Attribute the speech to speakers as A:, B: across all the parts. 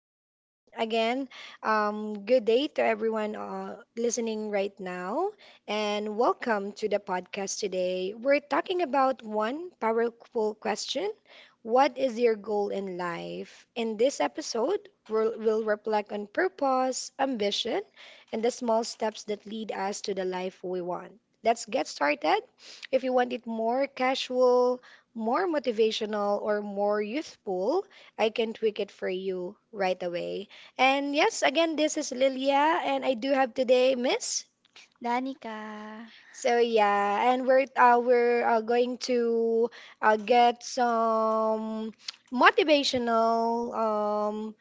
A: And yeah, again, good day to everyone listening right now. And welcome to the podcast today. We're talking about one powerful question. What is your goal in life? In this episode, we'll reflect on purpose, ambition, and the small steps that lead us to the life we want. Let's get started. If you want it more casual, more motivational or more youthful, I can tweak it for you right away. And yes, again, this is Lilia, and I do have today Miss.
B: Danica.
A: So yeah, and we're going to get some motivational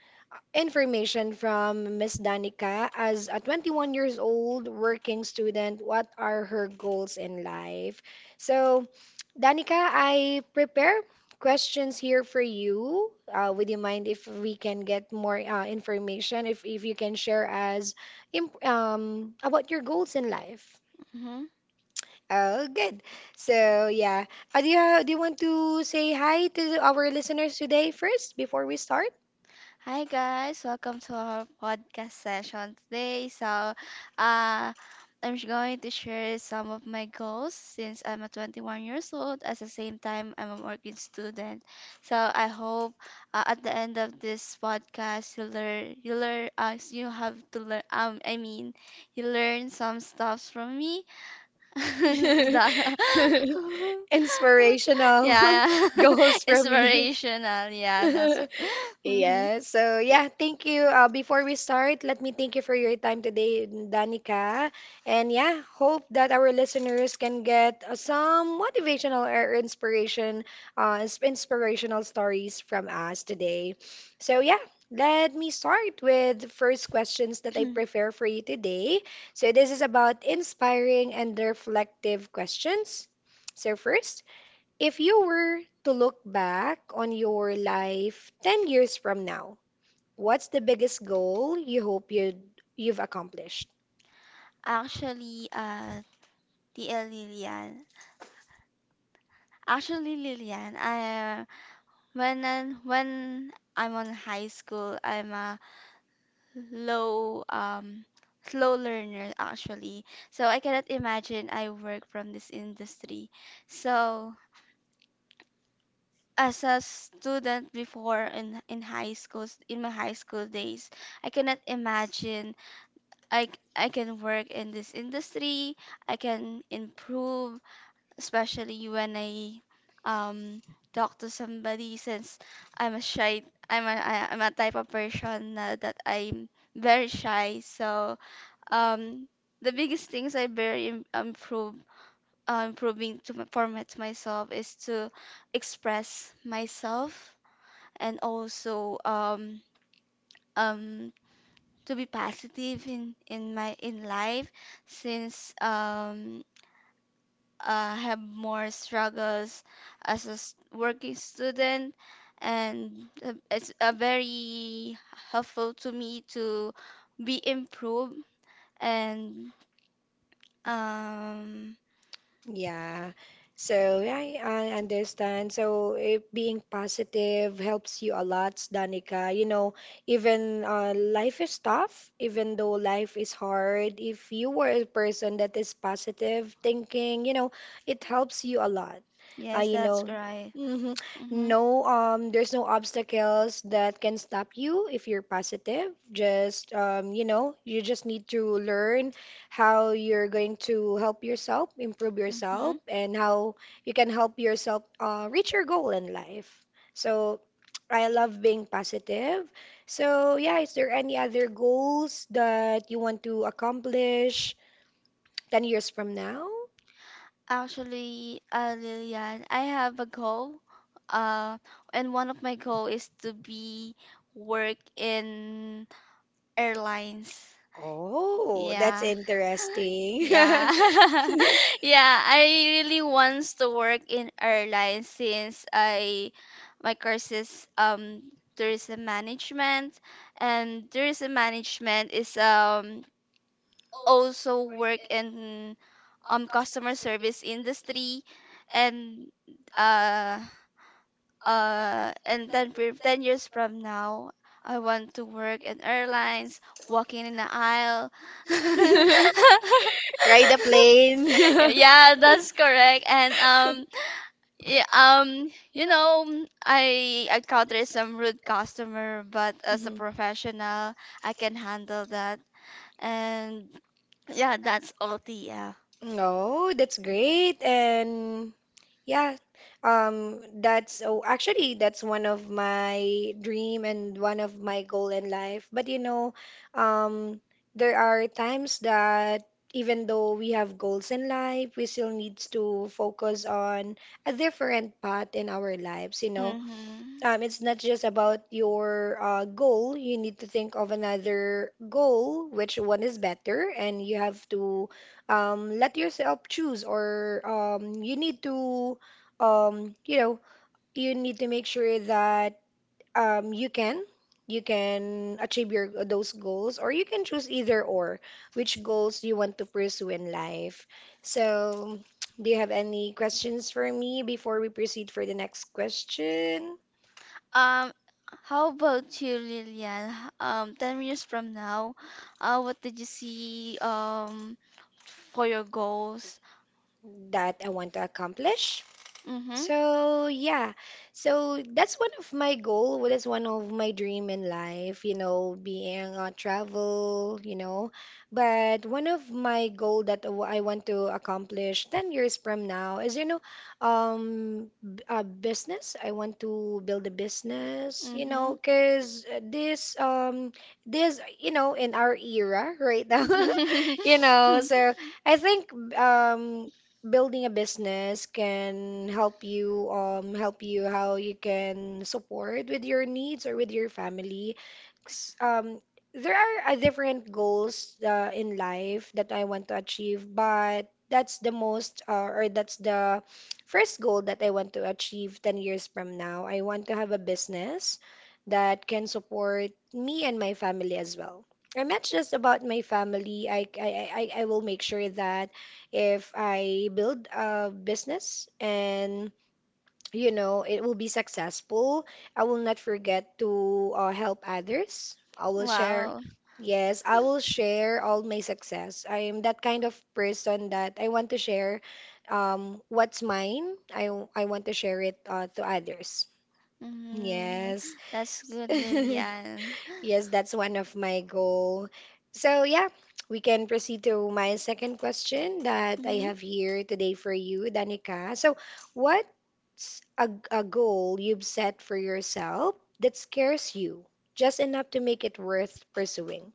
A: information from Miss Danica as a 21 years old working student. What are her goals in life? So, Danica, I prepare questions here for you. Would you mind if we can get more information? If you can share as imp about your goals in life.
B: Hmm.
A: Oh, good. So, yeah. Do you do you want to say hi to our listeners today first before we start?
B: Hi guys, welcome to our podcast session today. So, uh, I'm going to share some of my goals since I'm a 21 years old. At the same time, I'm a working student. So I hope, at the end of this podcast, you have to learn. I mean, you learn some stuffs from me, is that
A: Inspirational
B: yeah, yeah.
A: goals from you.
B: Inspirational, yeah, that's mm-hmm.
A: Yeah, so yeah, thank you. Before we start, let me thank you for your time today, Danica. And yeah, hope that our listeners can get some motivational or inspiration, inspirational stories from us today. So yeah, let me start with the first questions that I prepare for you today. So this is about inspiring and reflective questions. So first, if you were to look back on your life 10 years from now, what's the biggest goal you've accomplished?
B: Actually, the Lilian. Actually, Lilian, I uh, when I'm on high school, I'm a low slow learner actually. So I cannot imagine I work from this industry. So as a student before, in high schools, in my high school days, I cannot imagine i I can work in this industry. I can improve, especially when I um talk to somebody, since i'm a shy I'm a type of person, that I'm very shy. So, um the biggest things I improve, improving to my, for my, to myself is to express myself, and also, um to be positive in my in life, since, I have more struggles as a working student, and, it's, very helpful to me to be improved, and um
A: Yeah. So yeah, I understand. So it, being positive helps you a lot, Danica. You know, even life is tough, even though life is hard, if you were a person that is positive thinking, you know, it helps you a lot.
B: yes,
A: You
B: that's
A: know,
B: right.
A: mhm.
B: Mm-hmm.
A: No, there's no obstacles that can stop you if you're positive. Just you know, you just need to learn how you're going to help yourself, improve
B: Mm-hmm.
A: yourself, and how you can help yourself reach your goal in life. So, I love being positive. So yeah, is there any other goals that you want to accomplish 10 years from now?
B: Actually, Lillian, I have a goal. Uh, and one of my goal is to be work in airlines.
A: Oh, that's
B: Yeah.
A: interesting.
B: Yeah. Yeah, I really wants to work in airlines, since I my course is um tourism management, and tourism management is also work in customer service industry, and uh then 10 years from now I want to work in airlines, walking in the aisle.
A: Ride a plane.
B: Yeah, that's correct. And, yeah, I encounter some rude customer, but as a
A: Hmm.
B: professional, I can handle that. And yeah, that's all, Tia.
A: Oh, that's great. And yeah, that's oh, actually that's one of my dream and one of my goal in life. But you know, um, there are times that even though we have goals in life, we still needs to focus on a different path in our lives. You know,
B: Mm-hmm.
A: It's not just about your goal. You need to think of another goal, which one is better, and you have to let yourself choose, or you need to, you know, you need to make sure that um, you can you can achieve your those goals, or you can choose either or which goals you want to pursue in life. So, do you have any questions for me before we proceed for the next question?
B: Um, how about you, Lillian? 10 years from now, what did you see for your goals?
A: That I want to accomplish.
B: Mm-hmm.
A: So yeah, so that's one of my goal. What is one of my dream in life, you know, being on travel, you know. But one of my goal that I want to accomplish 10 years from now is, you know, a business. I want to build a business, you
B: Mm-hmm.
A: know, 'cause this, this, you know, in our era right now, you know. So I think, building a business can help you how you can support with your needs or with your family. 'Cause, there are different goals in life that I want to achieve, but that's the most or that's the first goal that I want to achieve 10 years from now. I want to have a business that can support me and my family as well. I'm not just about my family. I will make sure that if I build a business and you know it will be successful, I will not forget to help others. I will share.
B: Wow.
A: Yes, I will share all my success. I am that kind of person that I want to share what's mine. I want to share it to others.
B: Mm,
A: Yes.
B: that's good, Lilian.
A: Yes, that's one of my goal. So yeah, we can proceed to my second question that I
B: Mhm.
A: have here today for you, Danica. So what's a goal you've set for yourself that scares you just enough to make it worth pursuing?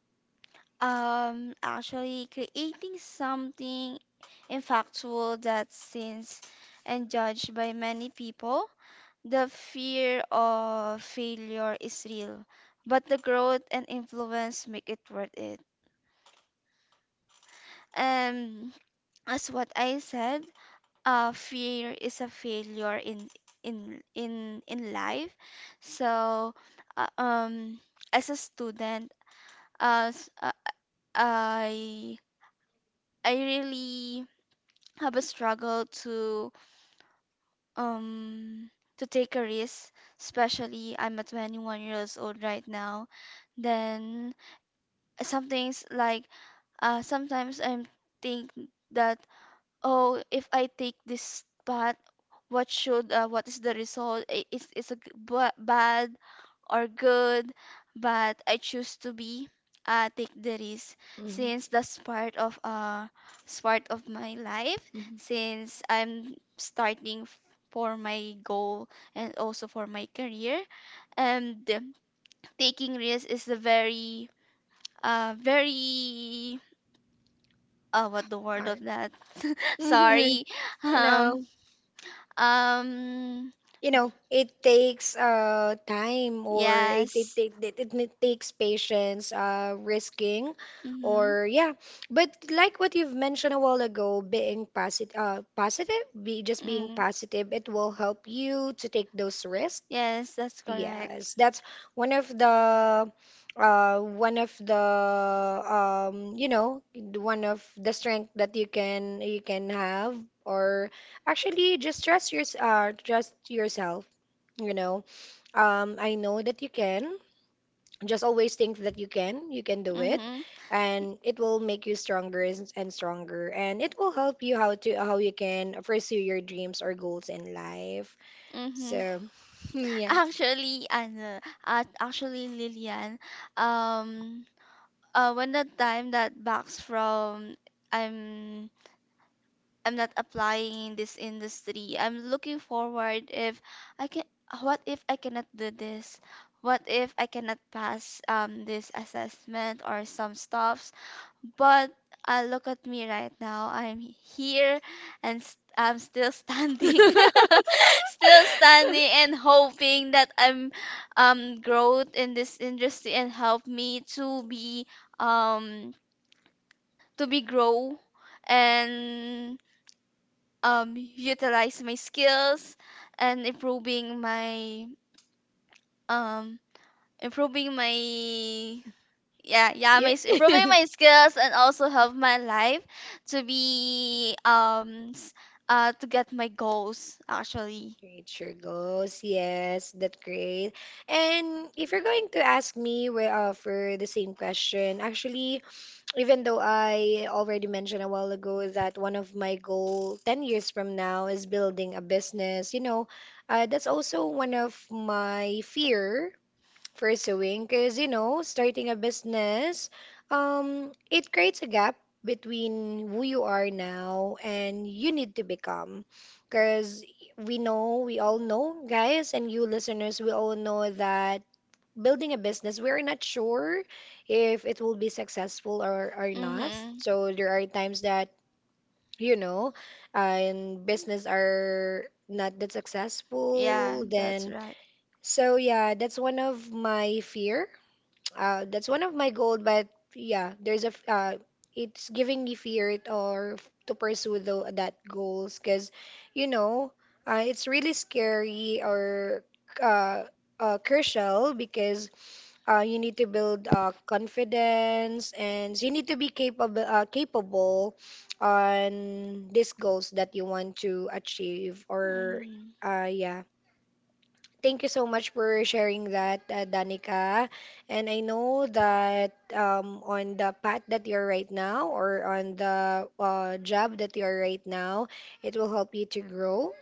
B: Actually, creating something impactful that seems and judged by many people. The fear of failure is real, but the growth and influence make it worth it. And as what I said, fear is a failure in life. So, uh, um, as a student, uh, s- uh, I I really have a struggle to, um take a risk. Especially, I'm a 21 years old right now. Then some things like, sometimes I think that, "Oh, if I take this path, what is the result? Is a bad or good?" But I choose to be take the risk,
A: Mhm.
B: since that's part of my life,
A: Mhm.
B: since I'm starting for my goal, and also for my career. And, taking risk is a very, what the word of
A: Hard.
B: that.
A: Mhm.
B: Sorry um.
A: Hello.
B: Um,
A: You know it takes time or
B: yes.
A: takes patience risking
B: Mm-hmm.
A: or yeah, but like what you've mentioned a while ago, being positive, positive be just being
B: Mm.
A: positive, it will help you to take those risks.
B: Yes, that's correct.
A: Yes, that's one of the one of the you know one of the strength that you can have or actually just trust your trust yourself, you know. I know that you can. Just always think that you can. You can do it
B: Mm-hmm.
A: and it will make you stronger and stronger and it will help you how to how you can pursue your dreams or goals in life.
B: Mm-hmm.
A: So, yeah.
B: Actually, ano, at actually Lilian, um, when the time that backs from, I'm I'm not applying in this industry. I'm looking forward if I can, what if I cannot do this? What if I cannot pass this assessment or some stuffs? But, look at me right now. I'm here, and s I'm still standing. Still standing and hoping that I'm growth in this industry, and help me to be, um grow, and utilize my skills, and um improving my yeah
A: Yeah.
B: improving my skills, and also help my life to be um s- to get my goals actually.
A: Great, sure goes. Yes, that's great. And if you're going to ask me where, for the same question, actually, even though I already mentioned a while ago that one of my goal 10 years from now is building a business, you know, that's also one of my fear pursuing because you know starting a business it creates a gap between who you are now and you need to become, because we know, we all know guys, and you listeners, we all know that building a business we're not sure if it will be successful or not.
B: Mm-hmm.
A: So there are times that you know and business are not that
B: Yeah,
A: successful
B: that's
A: then.
B: right.
A: So yeah, that's one of my fear, that's one of my goal, but yeah, there's it's giving me fear or to pursue that goals because you know, it's really scary or uh, crucial because you need to build confidence and you need to be capable capable on these goals that you want to achieve or
B: Mm-hmm.
A: yeah. Thank you so much for sharing that, Danica. And I know that on the path that you're right now, or on the job that you're right now, it will help you to grow.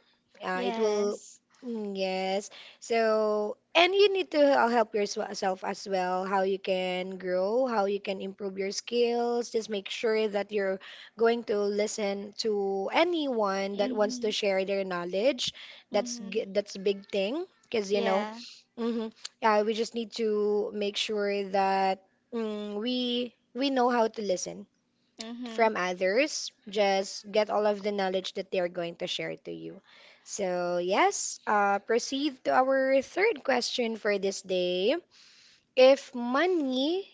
A: It will,
B: Yes.
A: mm, yes. So, and you need to help yourself as well, how you can grow, how you can improve your skills. Just make sure that you're going to listen to anyone that wants
B: Mm-hmm.
A: to share their knowledge.
B: Mm-hmm.
A: That's a big thing because, you know,
B: Yeah.
A: hmm, yeah, we just need to make sure that mm, we know how to listen
B: Mm-hmm.
A: from others. Just get all of the knowledge that they are going to share to you. So, yes, proceed to our third question for this day. If money,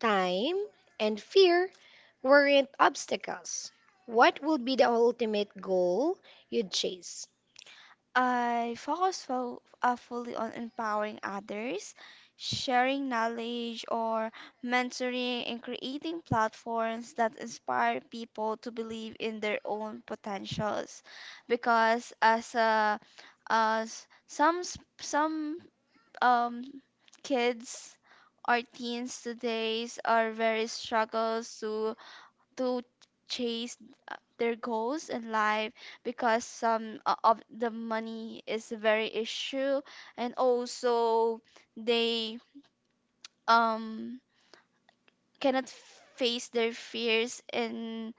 A: time, and fear weren't obstacles, what would be the ultimate goal you'd chase?
B: I focus fo fully on empowering others, sharing knowledge or mentoring, and creating platforms that inspire people to believe in their own potentials. Because, as some, um kids or teens today's are very struggles to chase their goals in life, because some of the money is a very issue, and also they, um cannot face their fears in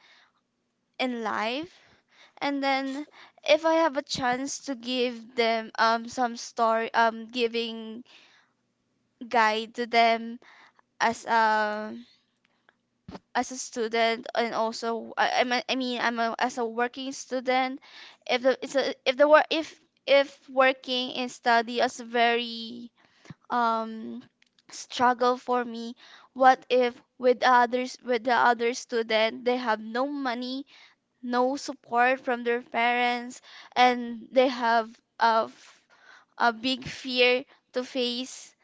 B: in life. And then, if I have a chance to give them, some story, giving guide to them, as um as a student. And also, I mean, as a working student. If the it's a, if the work if Working and study is very, um struggle for me. What if with, the others with the other student, they have no money, no support from their parents, and they have a, f- a big fear to face,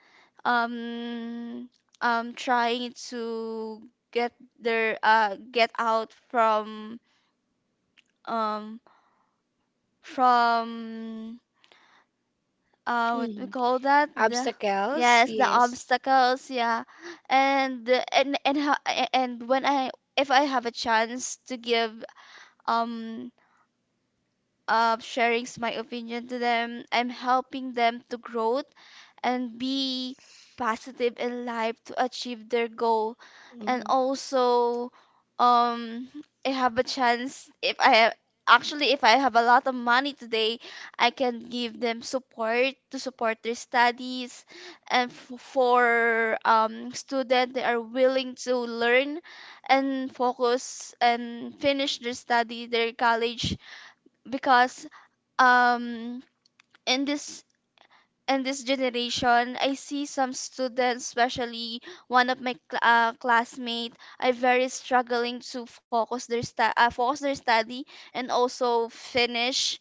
B: um trying to get their get out from, um from what we
A: Hmm.
B: call that, the...
A: Obstacles,
B: Yes, the
A: yes.
B: obstacles, yeah. And the- and and ho- a- and when I, if I have a chance to, give um sharing my opinion to them, I'm helping them to grow and be positive in life to achieve their goal. And
A: Hmm.
B: also, um I have a chance if I have actually, if I have a lot of money today, I can give them support to support their studies. And, for, student they are willing to learn, and focus and finish their study their college. Because, um in this in this generation, I see some students, especially one of my classmate, are very struggling to focus their study, and also finish.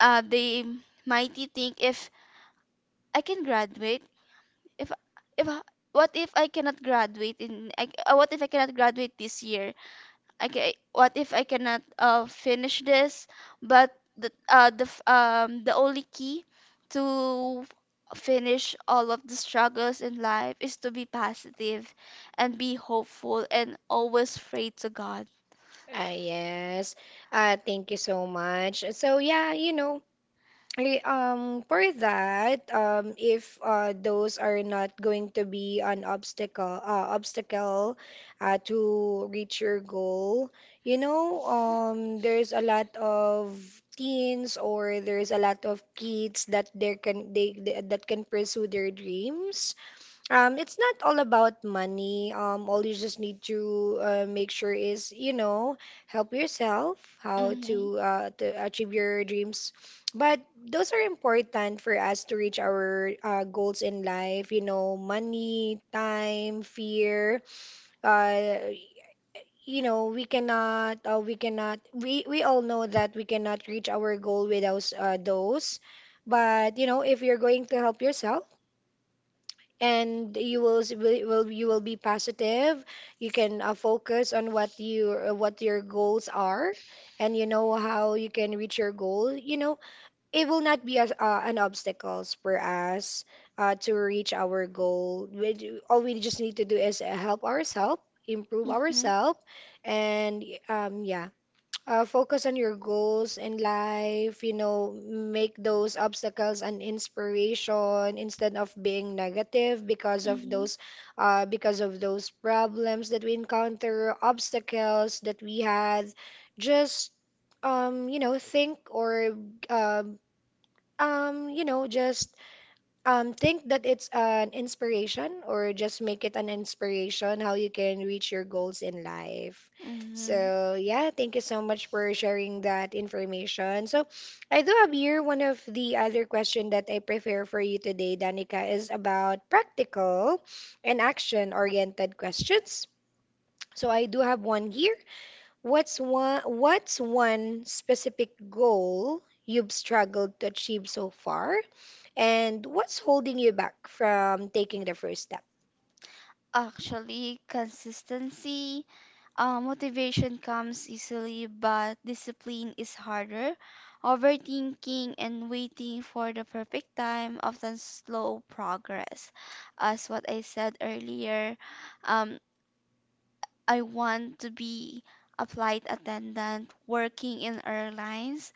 B: They might think, "If I can graduate, if if what if I cannot graduate in, what if I cannot graduate this year? Okay, what if I cannot, finish this?" But the only key to finish all of the struggles in life is to be positive, and be hopeful, and always pray to God.
A: Ah, yes. Thank you so much. So yeah, you know, for that, if those are not going to be an obstacle, obstacle, to reach your goal, you know, there's a lot of teens or there's a lot of kids that there can they that can pursue their dreams. It's not all about money. All you just need to make sure is, you know, help yourself, how
B: Mhm.
A: to achieve your dreams. But those are important for us to reach our goals in life. You know, money, time, fear. Uh, you know, we cannot. We cannot. We all know that we cannot reach our goal without those. But you know, if you're going to help yourself and you will s- will- you will be positive. You can focus on what you what your goals are, and you know how you can reach your goal. You know, it will not be as an obstacles for us to reach our goal. All we just need to do is help ourselves, improve
B: Mhm.
A: ourselves, and yeah. Focus on your goals in life, you know, make those obstacles an inspiration instead of being negative
B: Mhm.
A: because of those problems that we encounter, obstacles that we had. Just you know, think or um you know, just think that it's an inspiration or just make it an inspiration how you can reach your goals in life.
B: Mhm.
A: So, yeah, thank you so much for sharing that information. So, I do have here one of the other question that I prefer for you today, Danica, is about practical and action-oriented questions. So, I do have one here. What's one specific goal you've struggled to achieve so far? And what's holding you back from taking the first step?
B: Actually, consistency. Motivation comes easily, but discipline is harder. Overthinking and waiting for the perfect time often slow progress. As what I said earlier, um, I want to be a flight attendant working in airlines.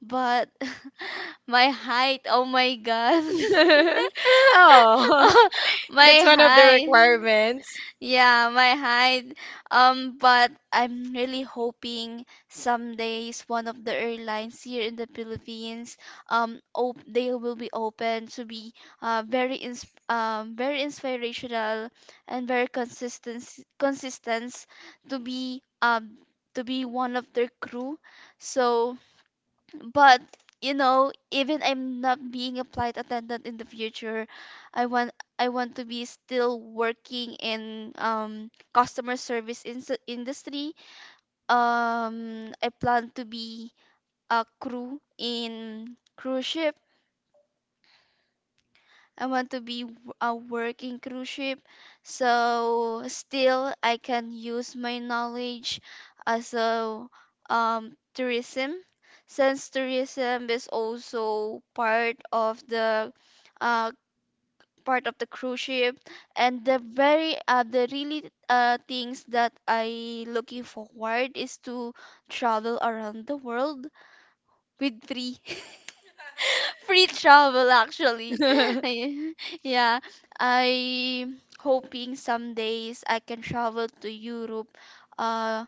B: But my height, oh my God,
A: Oh,
B: my
A: that's one of the
B: height.
A: requirements.
B: Yeah, my height. But I'm really hoping some days one of the airlines here in the Philippines, op they will be open to be, very inspirational, and very consistent, to be um to be one of their crew. So. But, you know, even I'm not being a flight attendant in the future, I want I want to be still working in customer service in industry. I plan to be a crew in cruise ship. I want to be a working cruise ship, so still I can use my knowledge as a, tourism, since tourism is also part of the, uh, part of the cruise ship. And the very the really, things that I looking forward is to travel around the world with free free travel actually. I- Yeah, I hoping some days I can travel to Europe, uh,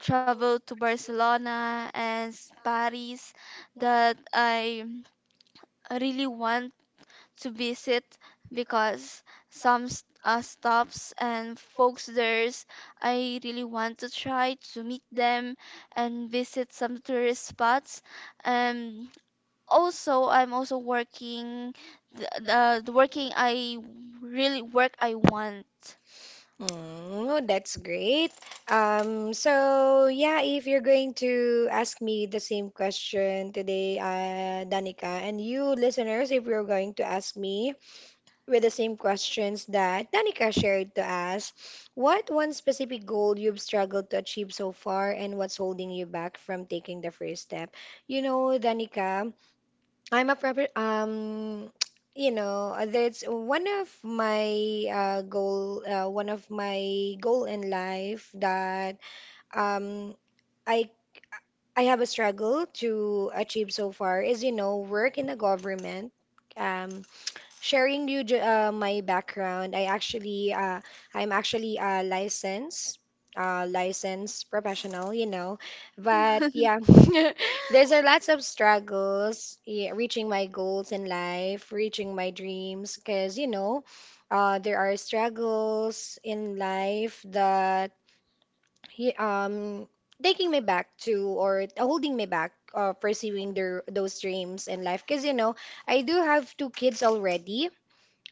B: travel to Barcelona and Paris that I really want to visit, because some stops and folks there's, I really want to try to meet them and visit some tourist spots. Um, Also I'm also working, the working I really work I want.
A: Oh, that's great. So yeah, if you're going to ask me the same question today, Danica, and you listeners, if you're going to ask me, with the same questions that Danica shared to us. What one specific goal you've struggled to achieve so far, and what's holding you back from taking the first step? You know, Danica, I'm a prepar you know, that's one of my goal, one of my goal in life that um, I I have a struggle to achieve so far is, you know, work in the government. Um, sharing you my background, I actually I'm actually a licensed professional, you know. But yeah, there's a lots of struggles, yeah, reaching my goals in life, reaching my dreams, because you know, there are struggles in life that he- um taking me back to or holding me back. Pursuing their those dreams in life because you know I do have two kids already,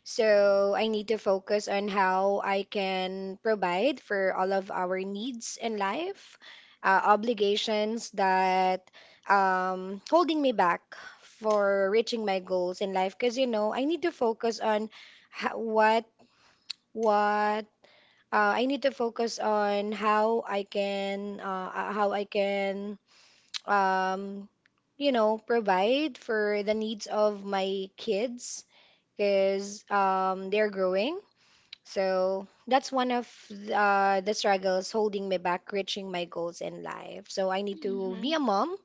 A: so I need to focus on how I can provide for all of our needs in life, obligations that holding me back for reaching my goals in life. Because you know, I need to focus on ho- what I need to focus on how I can um, you know, provide for the needs of my kids because they're growing, so that's one of the struggles holding me back reaching my goals in life. So I need to be
B: Mhm.
A: a mom.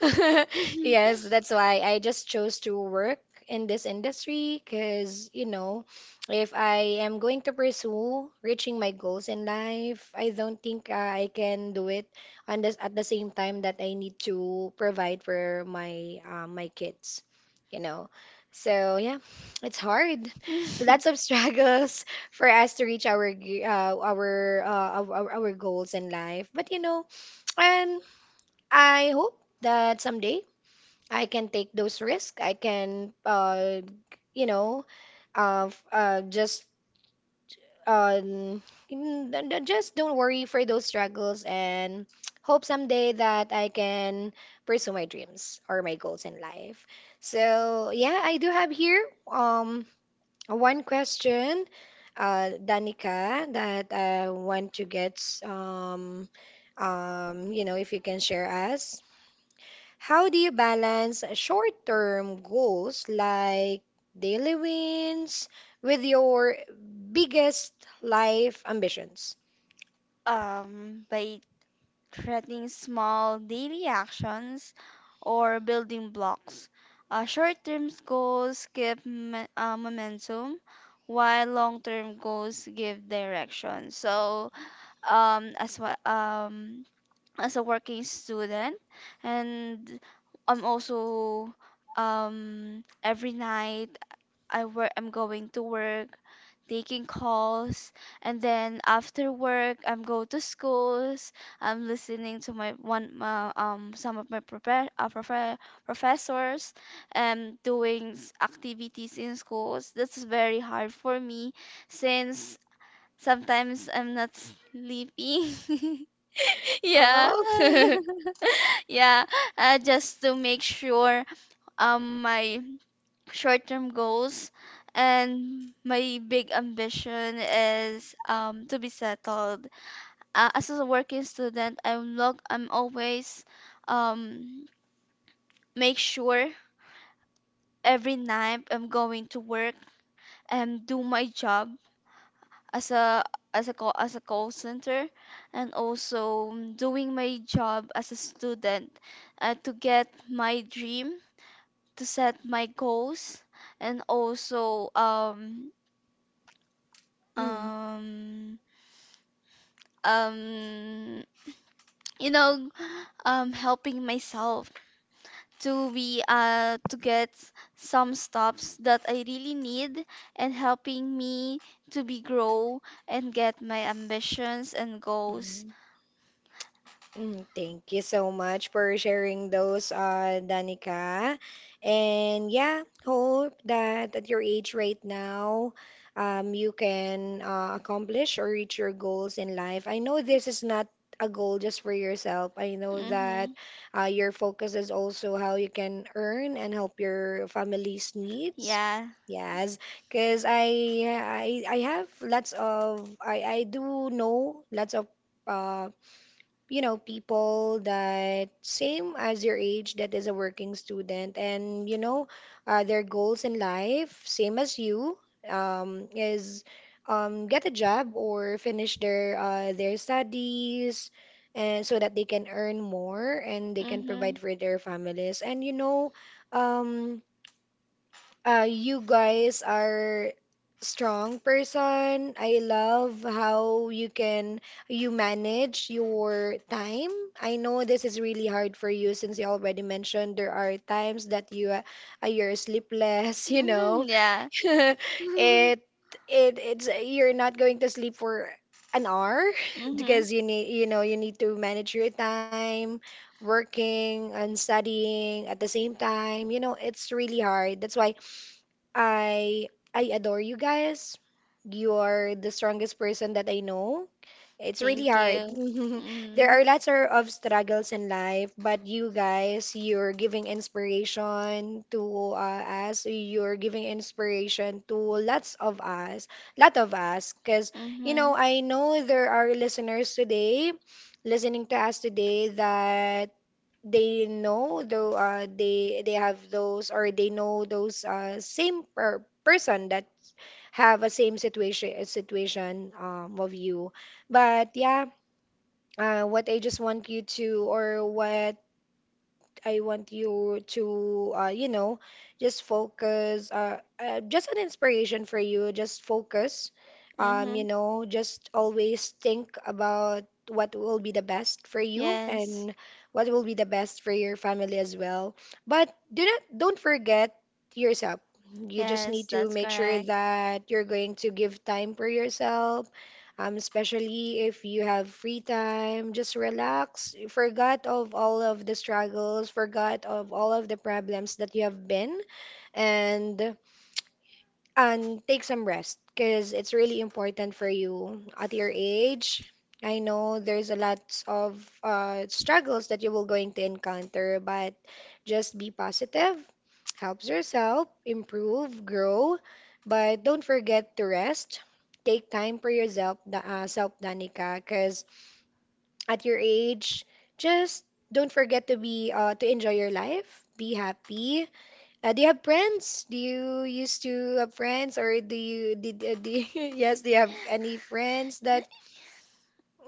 A: Yes, that's why I just chose to work in this industry because, you know, if I am going to pursue reaching my goals in life, I don't think I can do it on this at the same time that I need to provide for my my kids, you know. So yeah, it's hard. Lots of struggles for us to reach our g- our goals in life. But you know, and I hope that someday I can take those risks. I can, you know, just um, just don't worry for those struggles, and hope someday that I can pursue my dreams or my goals in life. So yeah, I do have here one question, Danica, that I want to get um you know, if you can share us. How do you balance short-term goals like daily wins with your biggest life ambitions?
B: By creating small daily actions or building blocks. Short-term goals give momentum, while long-term goals give direction. So, as well, as a working student, and I'm also every night, I'm going to work taking calls, and then after work I'm go to schools, I'm listening to my, one some of my professors, and doing activities in schools, that's very hard for me since sometimes I'm not sleeping. Yeah.
A: Oh.
B: Yeah, just to make sure my short-term goals and my big ambition is to be settled. As a working student, I'm always, um make sure every night I'm going to work and do my job as a, as a call center, and also doing my job as a student, to get my dream, to set my goals, and also, um um you know helping myself to be to get some stops that I really need, and helping me to be grow and get my ambitions and goals.
A: Mm. Mm, thank you so much for sharing those, Danica. And yeah, hope that at your age right now, you can accomplish or reach your goals in life. I know this is not a goal just for yourself. I know that
B: Mhm.
A: your focus is also how you can earn and help your family's needs.
B: Yeah.
A: Yes, because I have lots of I do know lots of uh, you know, people that same as your age that is a working student, and you know, their goals in life, same as you, is get a job or finish their studies, and so that they can earn more and they can
B: Mhm.
A: provide for their families. And you know, um, you guys are strong person. I love how you manage your time. I know this is really hard for you since you already mentioned there are times that you you're sleepless, you know.
B: Mhm. Yeah.
A: It it's you're not going to sleep for an hour
B: Mm-hmm.
A: because you need, you know, you need to manage your time working and studying at the same time, you know, it's really hard, that's why I I adore you guys. You are the strongest person that I know. It's really
B: Thank you.
A: hard. There
B: Mm-hmm.
A: are lots of struggles in life, but you guys, you're giving inspiration to us. You're giving inspiration to lots of us, lot of us, because you
B: Mm-hmm.
A: know I know there are listeners today, listening to us today that they know though they have those, or they know those same per person that have a same situation of you, but yeah what I just want you to, or what I want you to, you know, just focus, just an inspiration for you. Just focus,
B: Mm-hmm.
A: you know, just always think about what will be the best for you
B: Yes.
A: and what will be the best for your family as well. But do not, don't forget yourself. You just
B: Yes,
A: need to
B: that's
A: make sure
B: correct.
A: that you're going to give time for yourself especially if you have free time, just relax. Forgot of all of the struggles, forgot of all of the problems that you have been, and and take some rest because it's really important for you at your age. I know there's a lot of struggles that you will going to encounter, but just be positive, helps yourself, improve, grow, but don't forget to rest. Take time for yourself, self, Danica, because at your age, just don't forget to be to enjoy your life, be happy, do you have friends? Do you used to have friends, or do you did do you- yes? Do you have any friends that?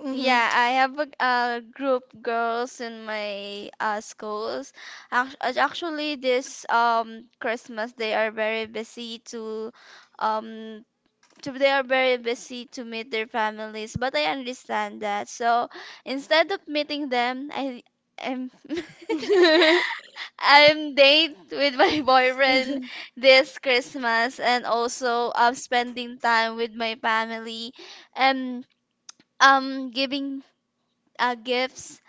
A: Mm-hmm.
B: Yeah, I have a group girls in my, schools. Actually, this Christmas they are very busy um to meet their families, but I understand that. So instead of meeting them, I am I'm date with my boyfriend this Christmas, and also I'm spending time with my family, and giving, gifts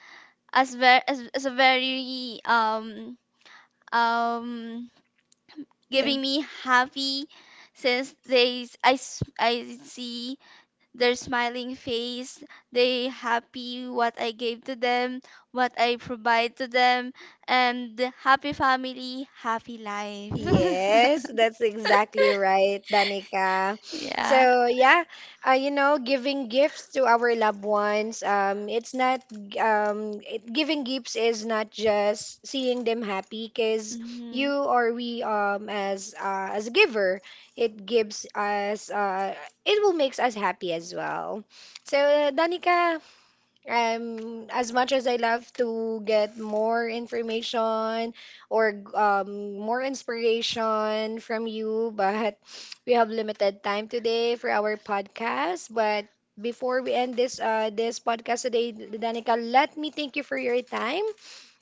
B: as very, as a very, um
A: Yeah.
B: giving me happy, since I see their smiling face, they happy what I gave to them, what I provide to them, and happy family, happy life.
A: Yes, that's exactly right, Danica.
B: Yeah.
A: So yeah, you know, giving gifts to our loved ones, it's not, it, giving gifts is not just seeing them happy, because
B: Mhm.
A: you or we, as a giver, it gives us, it will makes us happy as well. So Danica, as much as I love to get more information or more inspiration from you, but we have limited time today for our podcast. But before we end this podcast today, Danica, let me thank you for your time,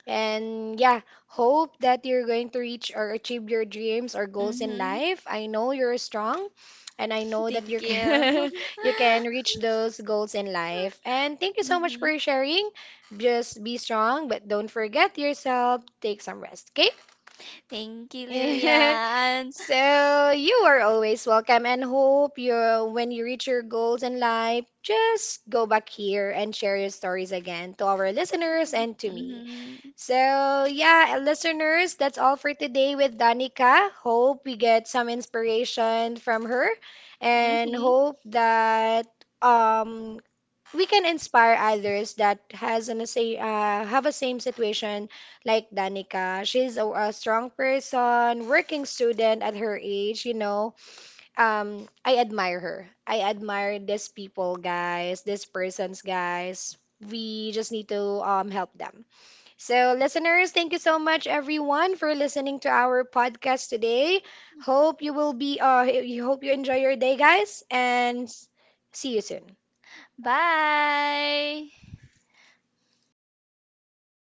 A: and yeah, hope that you're going to reach or achieve your dreams or goals in
B: Mm-hmm.
A: life. I know you're strong, and I know that
B: Thank
A: you
B: you.
A: can you can reach those goals in life. And thank you so much
B: Mm-hmm.
A: for sharing. Just be strong, but don't forget yourself. Take some rest,
B: Thank you,
A: okay?
B: Lillian.
A: So you are always welcome, and hope you, when you reach your goals in life, just go back here and share your stories again to our listeners and to me.
B: Mm-hmm.
A: So, yeah, listeners, that's all for today with Danica. Hope we get some inspiration from her, and
B: Mm-hmm.
A: hope that um we can inspire others that has an say have a same situation like Danica. She's a strong person, working student at her age, you know. Um, I admire her. I admire these people, guys, these persons, guys. We just need to help them. So, listeners, thank you so much, everyone, for listening to our podcast today. Hope you will be, you hope you enjoy your day, guys, and see you soon.
B: Bye.